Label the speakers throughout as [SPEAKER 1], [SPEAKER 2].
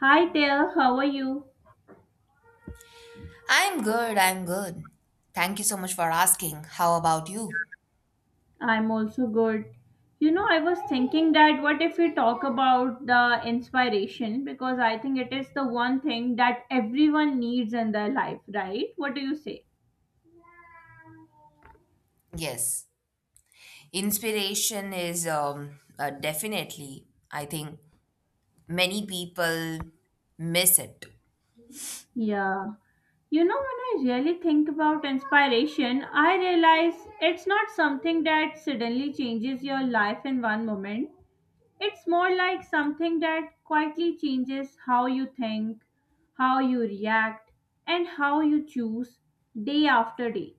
[SPEAKER 1] Hi there, how are you?
[SPEAKER 2] I'm good, I'm good. Thank you so much for asking. How about you?
[SPEAKER 1] I'm also good. You know, I was thinking that what if we talk about the inspiration because I think it is the one thing that everyone needs in their life, right? What do you say?
[SPEAKER 2] Yes. Inspiration is definitely, I think, many people miss it.
[SPEAKER 1] Yeah. You know, when I really think about inspiration, I realize it's not something that suddenly changes your life in one moment. It's more like something that quietly changes how you think, how you react, and how you choose day after day.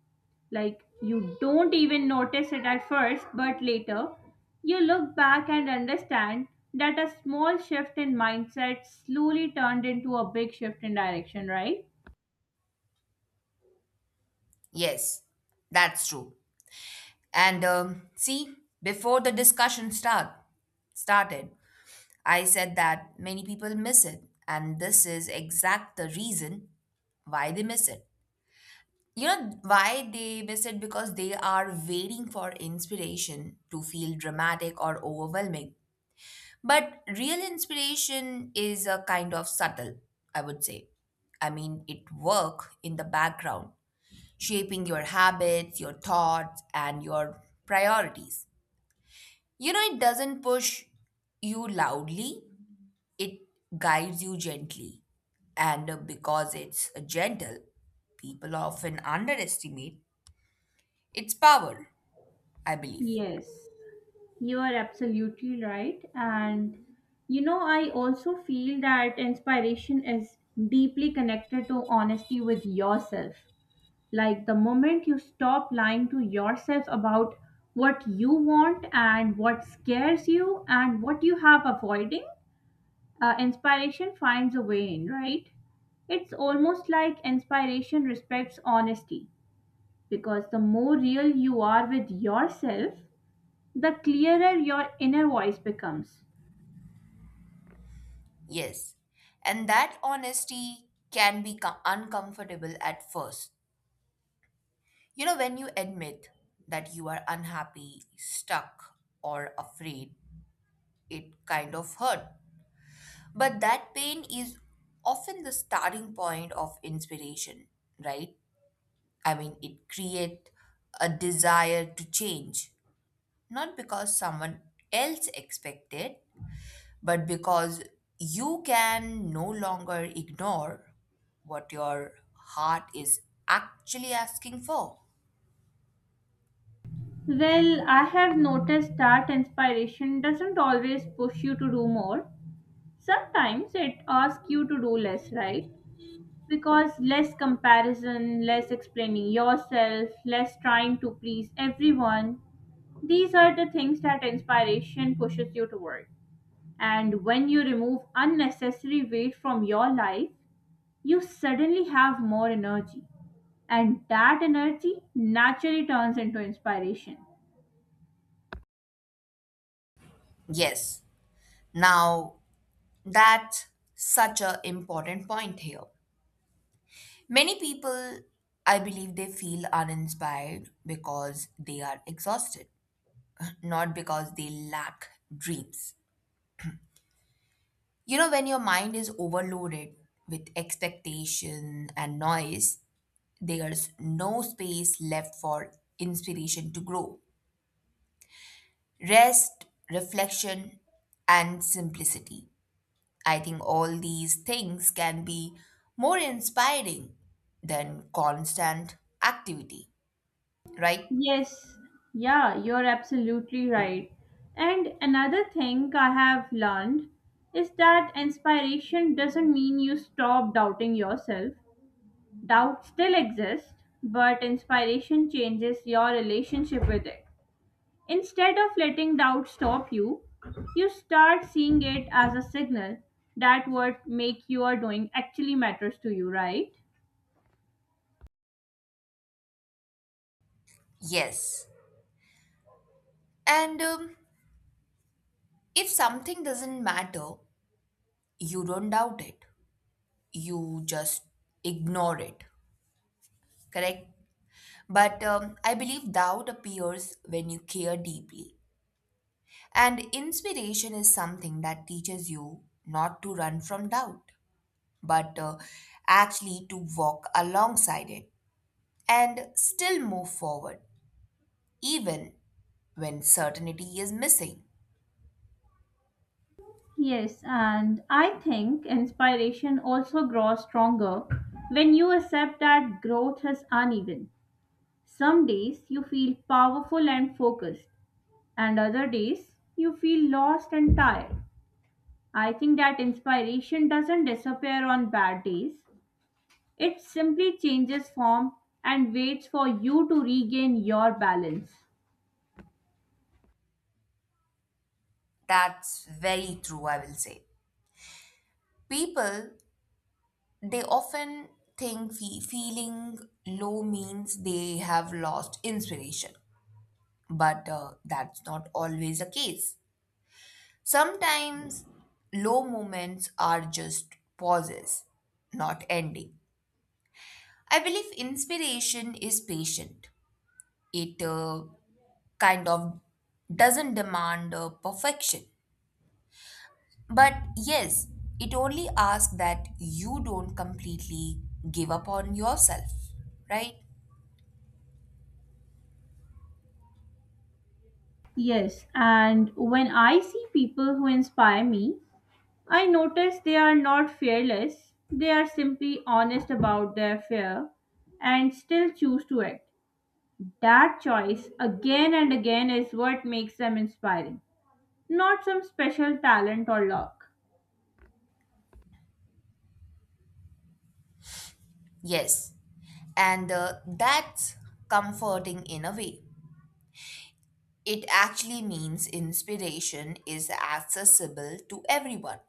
[SPEAKER 1] Like you don't even notice it at first, but later you look back and understand that a small shift in mindset slowly turned into a big shift in direction, right?
[SPEAKER 2] Yes, that's true. And see, before the discussion start started, I said that many people miss it, and this is exact the reason why they miss it. You know why they miss it? Because they are waiting for inspiration to feel dramatic or overwhelming. But real inspiration is a kind of subtle, I would say. I mean, it work in the background, shaping your habits, your thoughts, and your priorities. You know, it doesn't push you loudly, it guides you gently. And because it's gentle, people often underestimate its power, I believe.
[SPEAKER 1] Yes, you are absolutely right. And you know, I also feel that inspiration is deeply connected to honesty with yourself. Like the moment you stop lying to yourself about what you want and what scares you and what you have avoiding, inspiration finds a way in, right? It's almost like inspiration respects honesty because the more real you are with yourself, the clearer your inner voice becomes.
[SPEAKER 2] Yes. And that honesty can be uncomfortable at first. You know, when you admit that you are unhappy, stuck, or afraid, it kind of hurt. But that pain is often the starting point of inspiration, right? I mean, it creates a desire to change, not because someone else expected, but because you can no longer ignore what your heart is actually asking for.
[SPEAKER 1] Well, I have noticed that inspiration doesn't always push you to do more. Sometimes it asks you to do less, right? Because less comparison, less explaining yourself, less trying to please everyone. These are the things that inspiration pushes you toward. And when you remove unnecessary weight from your life, you suddenly have more energy and that energy naturally turns into inspiration.
[SPEAKER 2] Yes, now that's such an important point here. Many people, I believe, they feel uninspired because they are exhausted, not because they lack dreams. You know, when your mind is overloaded with expectation and noise, there's no space left for inspiration to grow. Rest, reflection, and simplicity, I think all these things can be more inspiring than constant activity, right?
[SPEAKER 1] Yes, yeah, you're absolutely right. And another thing I have learned is that inspiration doesn't mean you stop doubting yourself. Doubt still exists, but inspiration changes your relationship with it. Instead of letting doubt stop you, you start seeing it as a signal that what make you are doing actually matters to you, right?
[SPEAKER 2] Yes. And if something doesn't matter, you don't doubt it, you just ignore it, correct? But I believe doubt appears when you care deeply. And inspiration is something that teaches you not to run from doubt, but actually to walk alongside it and still move forward, even when certainty is missing.
[SPEAKER 1] Yes, and I think inspiration also grows stronger when you accept that growth is uneven. Some days you feel powerful and focused, and other days you feel lost and tired. I think that inspiration doesn't disappear on bad days, it simply changes form and waits for you to regain your balance.
[SPEAKER 2] That's very true, I will say. People, they often think feeling low means they have lost inspiration, but that's not always the case. Sometimes low moments are just pauses, not ending. I believe inspiration is patient. It kind of doesn't demand perfection. But yes, it only asks that you don't completely give up on yourself, right?
[SPEAKER 1] Yes, and when I see people who inspire me, I notice they are not fearless, they are simply honest about their fear and still choose to act. That choice again and again is what makes them inspiring, not some special talent or luck.
[SPEAKER 2] Yes. And that's comforting in a way. It actually means inspiration is accessible to everyone.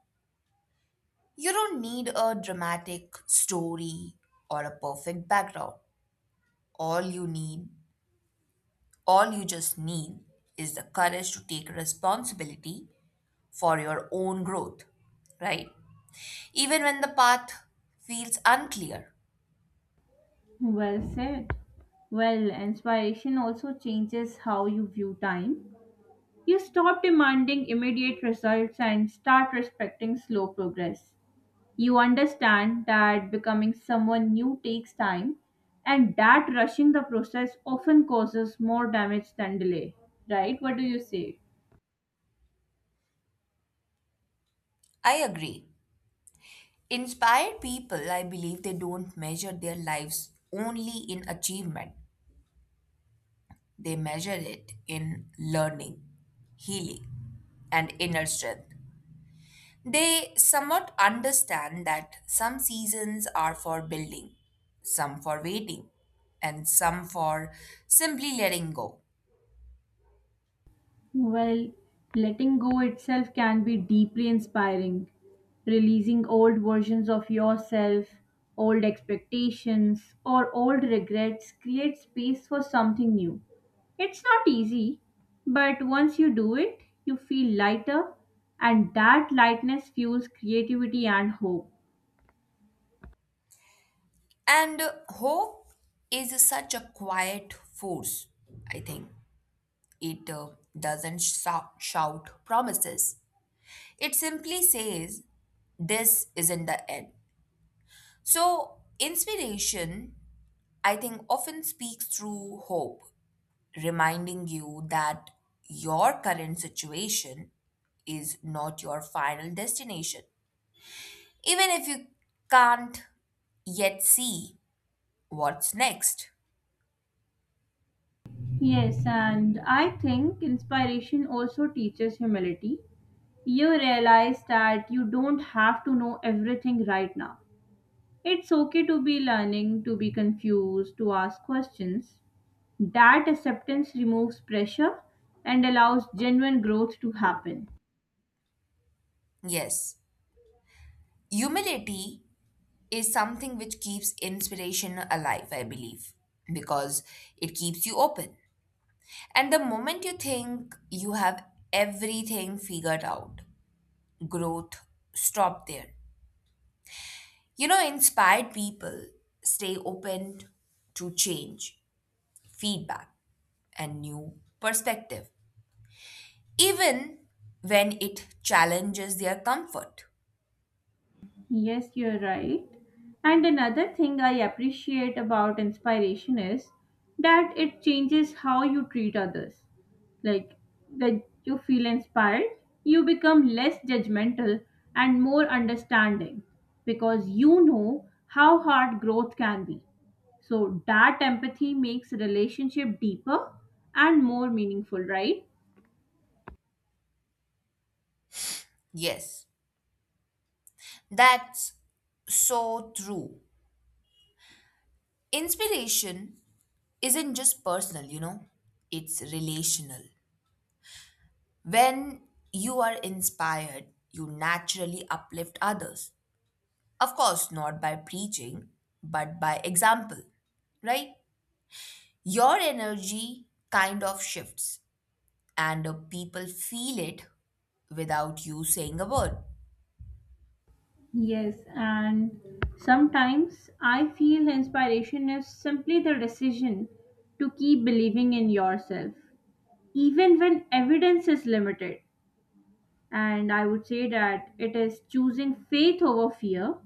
[SPEAKER 2] You don't need a dramatic story or a perfect background. All you need, all you just need is the courage to take responsibility for your own growth, right? Even when the path feels unclear.
[SPEAKER 1] Well said. Well, inspiration also changes how you view time. You stop demanding immediate results and start respecting slow progress. You understand that becoming someone new takes time and that rushing the process often causes more damage than delay, right? What do you say?
[SPEAKER 2] I agree. Inspired people, I believe they don't measure their lives only in achievement, they measure it in learning, healing, and inner strength. They somewhat understand that some seasons are for building, some for waiting, and some for simply letting go.
[SPEAKER 1] Well, letting go itself can be deeply inspiring. Releasing old versions of yourself, old expectations, or old regrets creates space for something new. It's not easy, but once you do it, you feel lighter, and that lightness fuels creativity and hope.
[SPEAKER 2] And hope is such a quiet force, I think. It doesn't shout promises, it simply says, "This isn't the end." So, inspiration, I think, often speaks through hope, reminding you that your current situation is not your final destination, even if you can't yet see what's next.
[SPEAKER 1] Yes, and I think inspiration also teaches humility. You realize that you don't have to know everything right now. It's okay to be learning, to be confused, to ask questions. That acceptance removes pressure and allows genuine growth to happen.
[SPEAKER 2] Yes, humility is something which keeps inspiration alive, I believe, because it keeps you open. And the moment you think you have everything figured out, growth stop there. You know, inspired people stay open to change, feedback, and new perspective, even when it challenges their comfort.
[SPEAKER 1] Yes, you're right. And another thing I appreciate about inspiration is that it changes how you treat others. Like that you feel inspired, you become less judgmental and more understanding because you know how hard growth can be. So that empathy makes relationship deeper and more meaningful, right?
[SPEAKER 2] Yes, that's so true. Inspiration isn't just personal, you know, it's relational. When you are inspired, you naturally uplift others. Of course, not by preaching, but by example, right? Your energy kind of shifts and people feel it without you saying a word.
[SPEAKER 1] Yes, and sometimes I feel inspiration is simply the decision to keep believing in yourself, even when evidence is limited. And I would say that it is choosing faith over fear,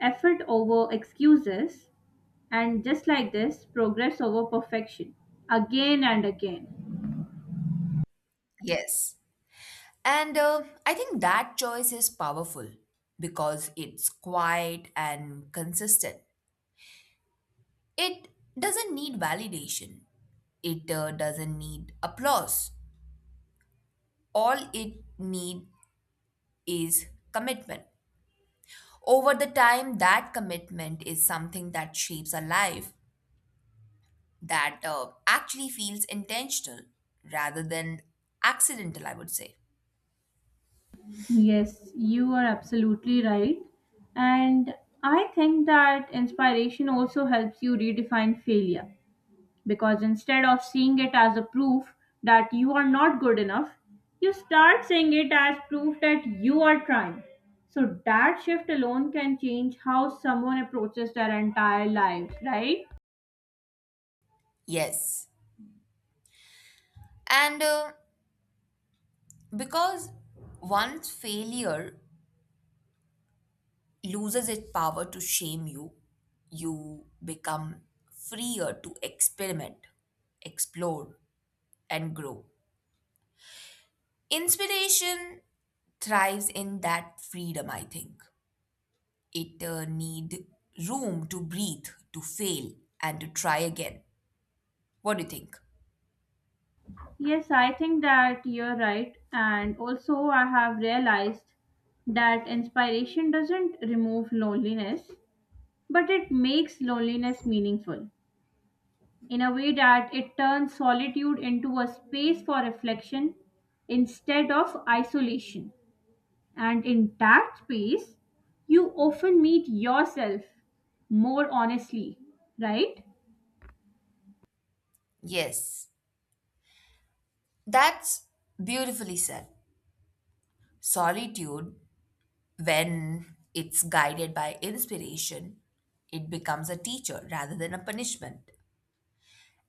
[SPEAKER 1] effort over excuses, and just like this, progress over perfection again and again.
[SPEAKER 2] Yes. And I think that choice is powerful because it's quiet and consistent. It doesn't need validation, it doesn't need applause. All it needs is commitment. Over the time, that commitment is something that shapes a life that actually feels intentional rather than accidental, I would say.
[SPEAKER 1] Yes, you are absolutely right. And I think that inspiration also helps you redefine failure. Because instead of seeing it as a proof that you are not good enough, you start seeing it as proof that you are trying. So that shift alone can change how someone approaches their entire life, right?
[SPEAKER 2] Yes. And because once failure loses its power to shame you, you become freer to experiment, explore, and grow. Inspiration thrives in that freedom, I think. It need room to breathe, to fail, and to try again. What do you think?
[SPEAKER 1] Yes, I think that you're right. And also, I have realized that inspiration doesn't remove loneliness, but it makes loneliness meaningful, in a way that it turns solitude into a space for reflection instead of isolation. And in that space, you often meet yourself more honestly, right?
[SPEAKER 2] Yes. That's beautifully said. Solitude, when it's guided by inspiration, it becomes a teacher rather than a punishment.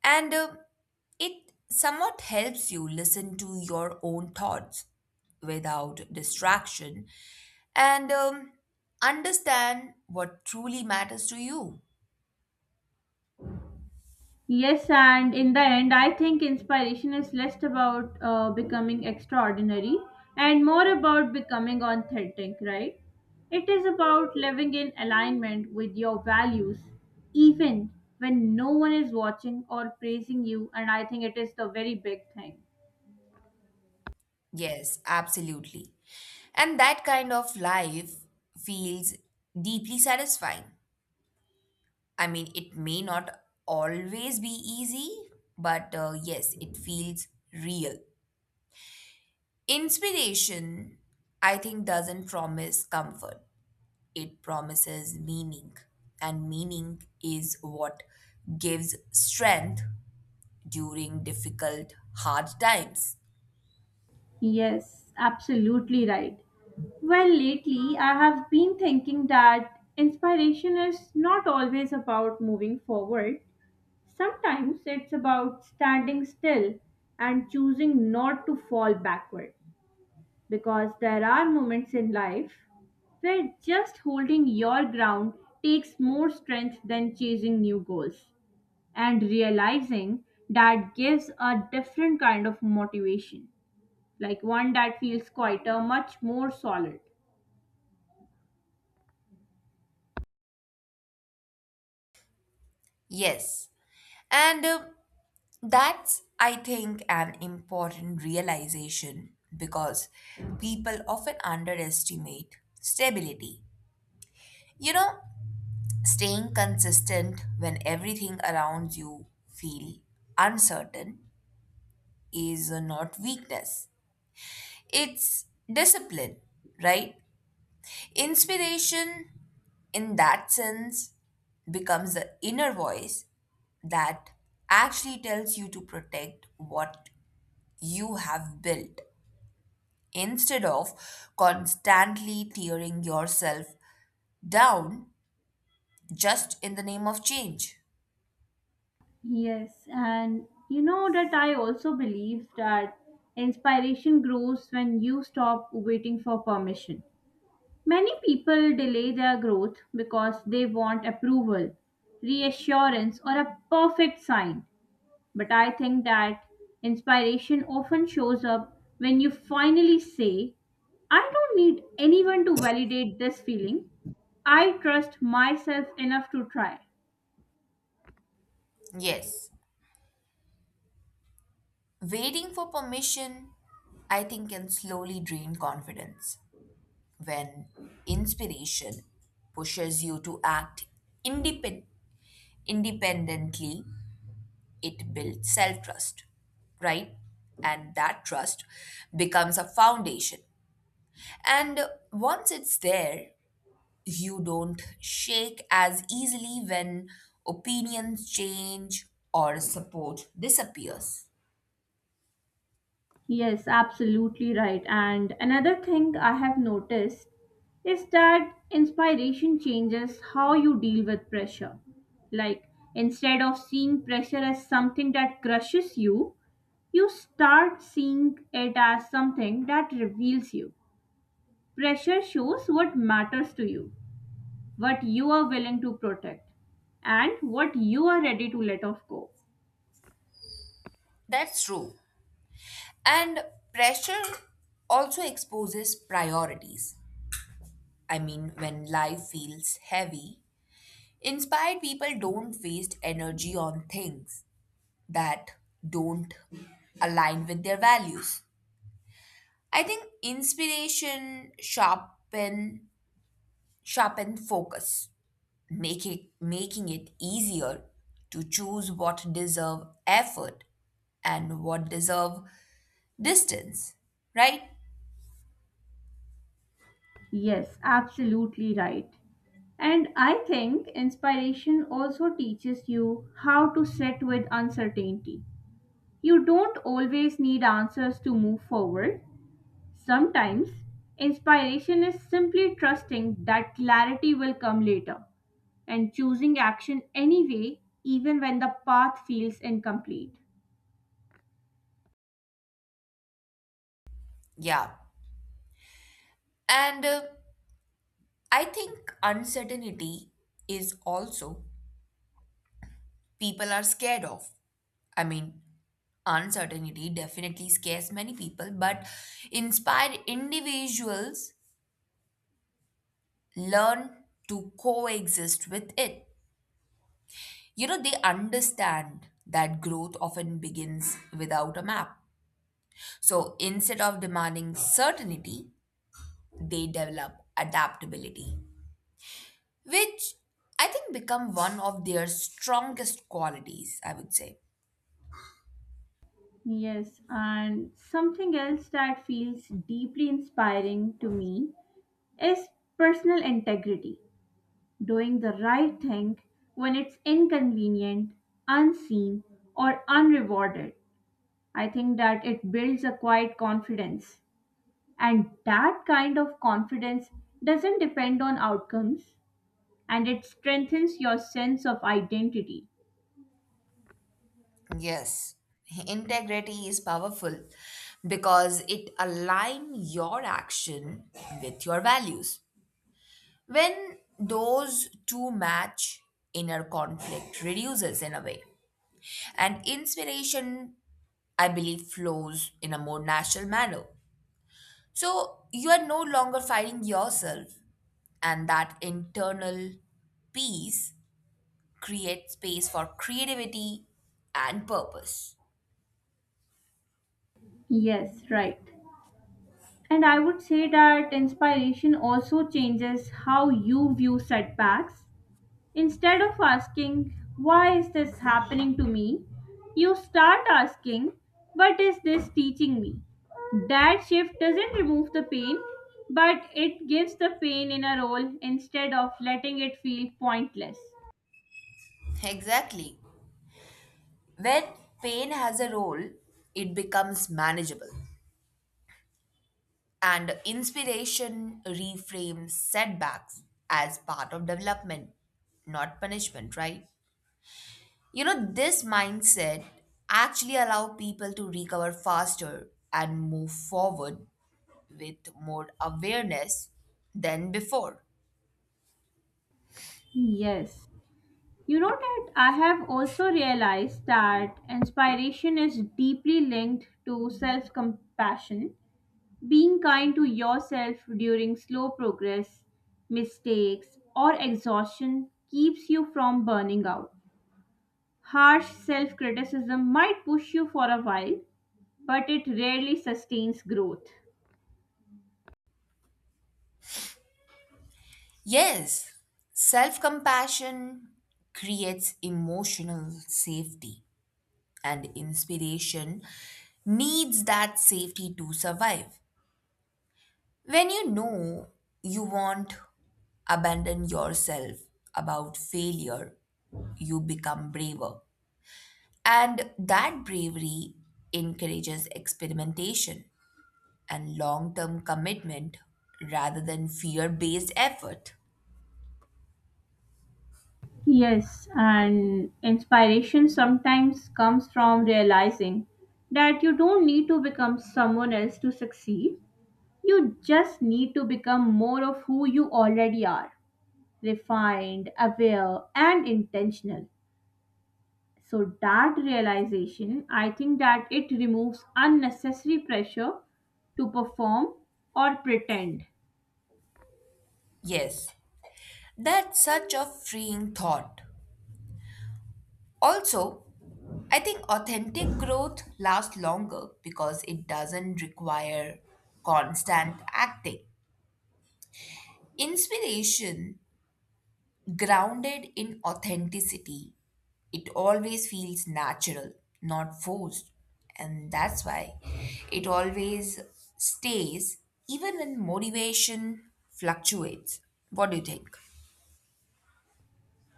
[SPEAKER 2] And it somewhat helps you listen to your own thoughts without distraction and understand what truly matters to you.
[SPEAKER 1] Yes, and in the end, I think inspiration is less about becoming extraordinary and more about becoming authentic, right? It is about living in alignment with your values, even when no one is watching or praising you, and I think it is the very big thing.
[SPEAKER 2] Yes, absolutely. And that kind of life feels deeply satisfying. I mean, it may not always be easy, but yes, it feels real. Inspiration, I think, doesn't promise comfort, it promises meaning. And meaning is what gives strength during difficult, hard times.
[SPEAKER 1] Yes, absolutely right. Well, lately I have been thinking that inspiration is not always about moving forward. Sometimes it's about standing still and choosing not to fall backward because there are moments in life where just holding your ground takes more strength than chasing new goals. And realizing that gives a different kind of motivation, like one that feels quieter, much more solid.
[SPEAKER 2] Yes. And that's, I think, an important realization because people often underestimate stability. You know, staying consistent when everything around you feel uncertain is not weakness. It's discipline, right? Inspiration in that sense becomes the inner voice that actually tells you to protect what you have built instead of constantly tearing yourself down just in the name of change.
[SPEAKER 1] Yes, and you know that I also believe that inspiration grows when you stop waiting for permission. Many people delay their growth because they want approval, reassurance, or a perfect sign. But I think that inspiration often shows up when you finally say, I don't need anyone to validate this feeling. I trust myself enough to try.
[SPEAKER 2] Yes, waiting for permission, I think, can slowly drain confidence when inspiration pushes you to act independ- independently. It builds self trust, right? And that trust becomes a foundation. And once it's there, you don't shake as easily when opinions change or support disappears.
[SPEAKER 1] Yes, absolutely right. And another thing I have noticed is that inspiration changes how you deal with pressure. Like, instead of seeing pressure as something that crushes you, you start seeing it as something that reveals you. Pressure shows what matters to you, what you are willing to protect, and what you are ready to let off go.
[SPEAKER 2] That's true. And pressure also exposes priorities. I mean, when life feels heavy, inspired people don't waste energy on things that don't align with their values. I think inspiration sharpen focus, making it easier to choose what deserve effort and what deserve distance, right?
[SPEAKER 1] Yes, absolutely right. And I think inspiration also teaches you how to sit with uncertainty. You don't always need answers to move forward. Sometimes, inspiration is simply trusting that clarity will come later and choosing action anyway, even when the path feels incomplete.
[SPEAKER 2] Yeah. And I think uncertainty is also people are scared of. I mean, uncertainty definitely scares many people, but inspired individuals learn to coexist with it. You know, they understand that growth often begins without a map. So instead of demanding certainty, they develop adaptability, which I think become one of their strongest qualities, I would say.
[SPEAKER 1] Yes, and something else that feels deeply inspiring to me is personal integrity, doing the right thing when it's inconvenient, unseen, or unrewarded. I think that it builds a quiet confidence. And that kind of confidence doesn't depend on outcomes and it strengthens your sense of identity.
[SPEAKER 2] Yes, integrity is powerful because it aligns your action with your values. When those two match, inner conflict reduces in a way. And inspiration, I believe, flows in a more natural manner. So you are no longer fighting yourself, and that internal peace creates space for creativity and purpose.
[SPEAKER 1] Yes, right. And I would say that inspiration also changes how you view setbacks. Instead of asking, "Why is this happening to me?" you start asking, "What is this teaching me?" That shift doesn't remove the pain, but it gives the pain in a role instead of letting it feel pointless.
[SPEAKER 2] Exactly. When pain has a role, it becomes manageable, and inspiration reframes setbacks as part of development, not punishment, right? You know, this mindset actually allow people to recover faster and move forward with more awareness than before.
[SPEAKER 1] Yes. You know that I have also realized that inspiration is deeply linked to self compassion. Being kind to yourself during slow progress, mistakes, or exhaustion keeps you from burning out. Harsh self criticism might push you for a while, but it rarely sustains growth.
[SPEAKER 2] Yes, self compassion creates emotional safety and inspiration needs that safety to survive. When you know you won't abandon yourself about failure, you become braver. And that bravery encourages experimentation and long term commitment rather than fear based effort.
[SPEAKER 1] Yes, and inspiration sometimes comes from realizing that you don't need to become someone else to succeed. You just need to become more of who you already are, refined, aware, and intentional. So that realization, I think that it removes unnecessary pressure to perform or pretend.
[SPEAKER 2] Yes, that's such a freeing thought. Also, I think authentic growth lasts longer because it doesn't require constant acting. Inspiration grounded in authenticity, it always feels natural, not forced. And that's why it always stays even when motivation fluctuates. What do you think?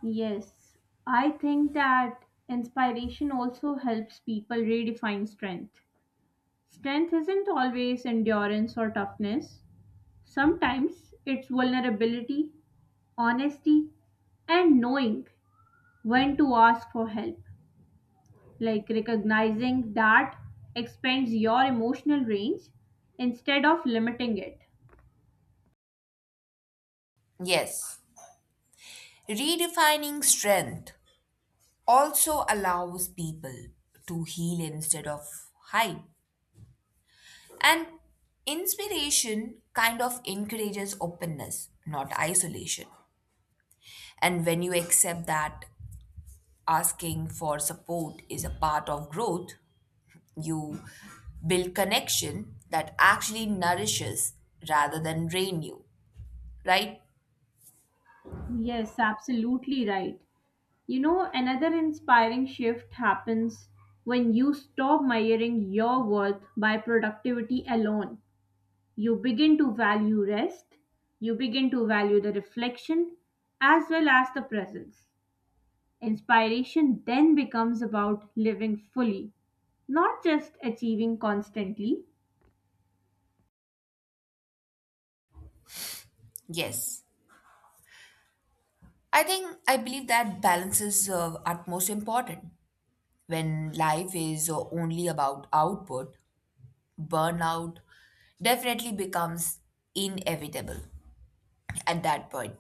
[SPEAKER 1] Yes, I think that inspiration also helps people redefine strength. Strength isn't always endurance or toughness. Sometimes it's vulnerability, honesty, and knowing when to ask for help. Like recognizing that expands your emotional range instead of limiting it.
[SPEAKER 2] Yes, redefining strength also allows people to heal instead of hide. And inspiration kind of encourages openness, not isolation. And when you accept that asking for support is a part of growth, you build connection that actually nourishes rather than drain you, right?
[SPEAKER 1] Yes, absolutely right. You know, another inspiring shift happens when you stop measuring your worth by productivity alone. You begin to value rest, you begin to value the reflection as well as the presence. Inspiration then becomes about living fully, not just achieving constantly.
[SPEAKER 2] Yes. I believe that balance is utmost important. When life is only about output, burnout definitely becomes inevitable at that point.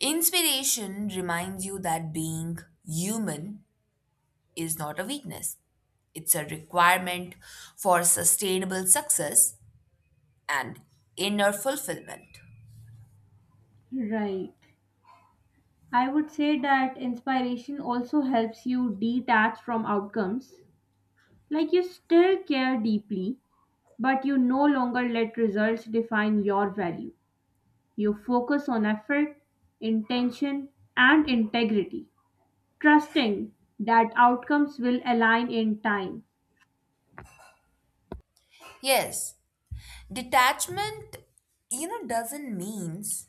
[SPEAKER 2] Inspiration reminds you that being human is not a weakness, it's a requirement for sustainable success and inner fulfillment.
[SPEAKER 1] Right. I would say that inspiration also helps you detach from outcomes. Like you still care deeply, but you no longer let results define your value. You focus on effort, intention, and integrity, trusting that outcomes will align in time.
[SPEAKER 2] Yes, detachment, you know, doesn't means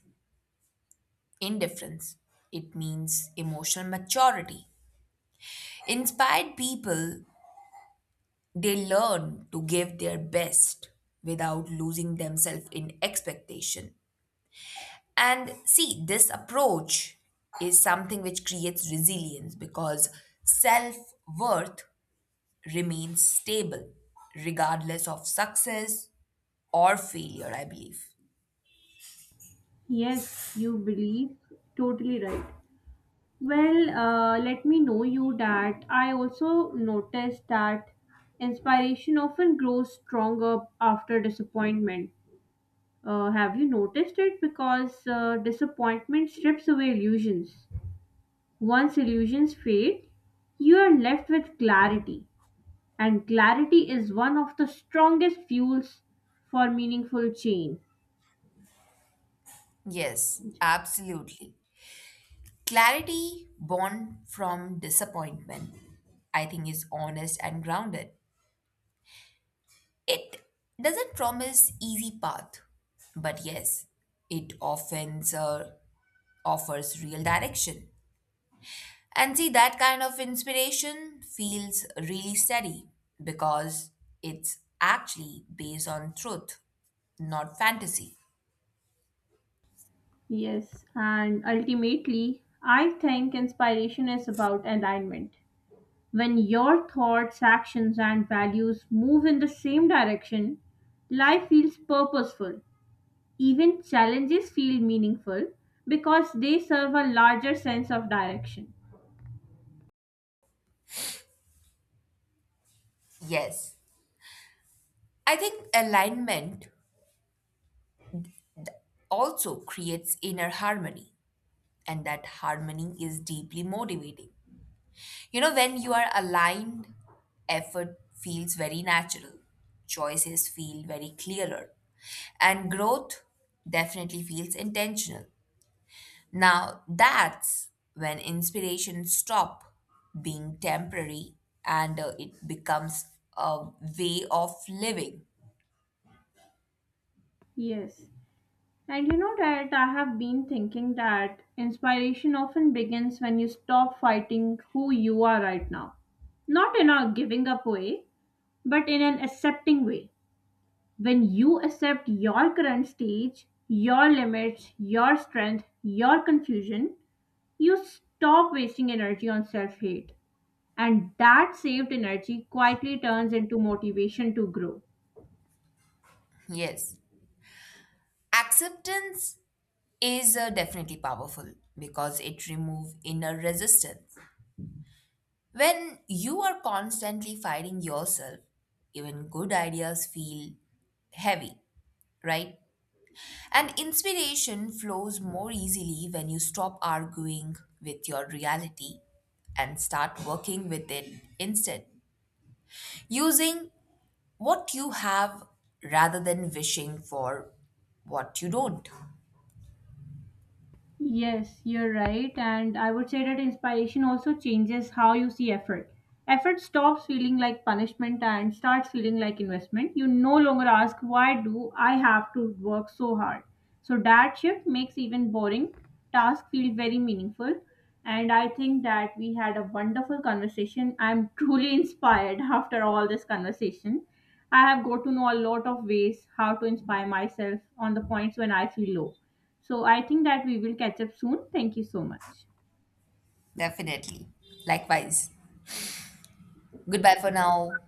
[SPEAKER 2] indifference. It means emotional maturity. Inspired people, they learn to give their best without losing themselves in expectation. And see, this approach is something which creates resilience because self worth remains stable regardless of success or failure, I believe.
[SPEAKER 1] Yes, you believe. Totally right. Well, let me know you that I also noticed that inspiration often grows stronger after disappointment. Have you noticed it? Because disappointment strips away illusions. Once illusions fade, you are left with clarity, and clarity is one of the strongest fuels for meaningful change.
[SPEAKER 2] Yes, absolutely. Clarity born from disappointment, I think, is honest and grounded. It doesn't promise easy path, but yes, it often offers real direction. And see, that kind of inspiration feels really steady because it's actually based on truth, not fantasy.
[SPEAKER 1] Yes, and ultimately, I think inspiration is about alignment. When your thoughts, actions, and values move in the same direction, life feels purposeful. Even challenges feel meaningful because they serve a larger sense of direction.
[SPEAKER 2] Yes, I think alignment also creates inner harmony, and that harmony is deeply motivating. You know, when you are aligned, effort feels very natural, choices feel very clearer, and growth definitely feels intentional. Now, that's when inspiration stop being temporary and it becomes a way of living.
[SPEAKER 1] Yes. And you know that I have been thinking that inspiration often begins when you stop fighting who you are right now. Not in a giving up way, but in an accepting way. When you accept your current stage, your limits, your strength, your confusion, you stop wasting energy on self hate. And that saved energy quietly turns into motivation to grow.
[SPEAKER 2] Yes. Acceptance is definitely powerful because it removes inner resistance. When you are constantly fighting yourself, even good ideas feel heavy, right? And inspiration flows more easily when you stop arguing with your reality and start working with it instead. Using what you have rather than wishing for what you don't.
[SPEAKER 1] Yes, you're right. And I would say that inspiration also changes how you see effort. Effort stops feeling like punishment and starts feeling like investment. You no longer ask, why do I have to work so hard? So that shift makes even boring tasks feel very meaningful. And I think that we had a wonderful conversation. I'm truly inspired after all this conversation. I have got to know a lot of ways how to inspire myself on the points when I feel low. So I think that we will catch up soon. Thank you so much.
[SPEAKER 2] Definitely. Likewise. Goodbye for now.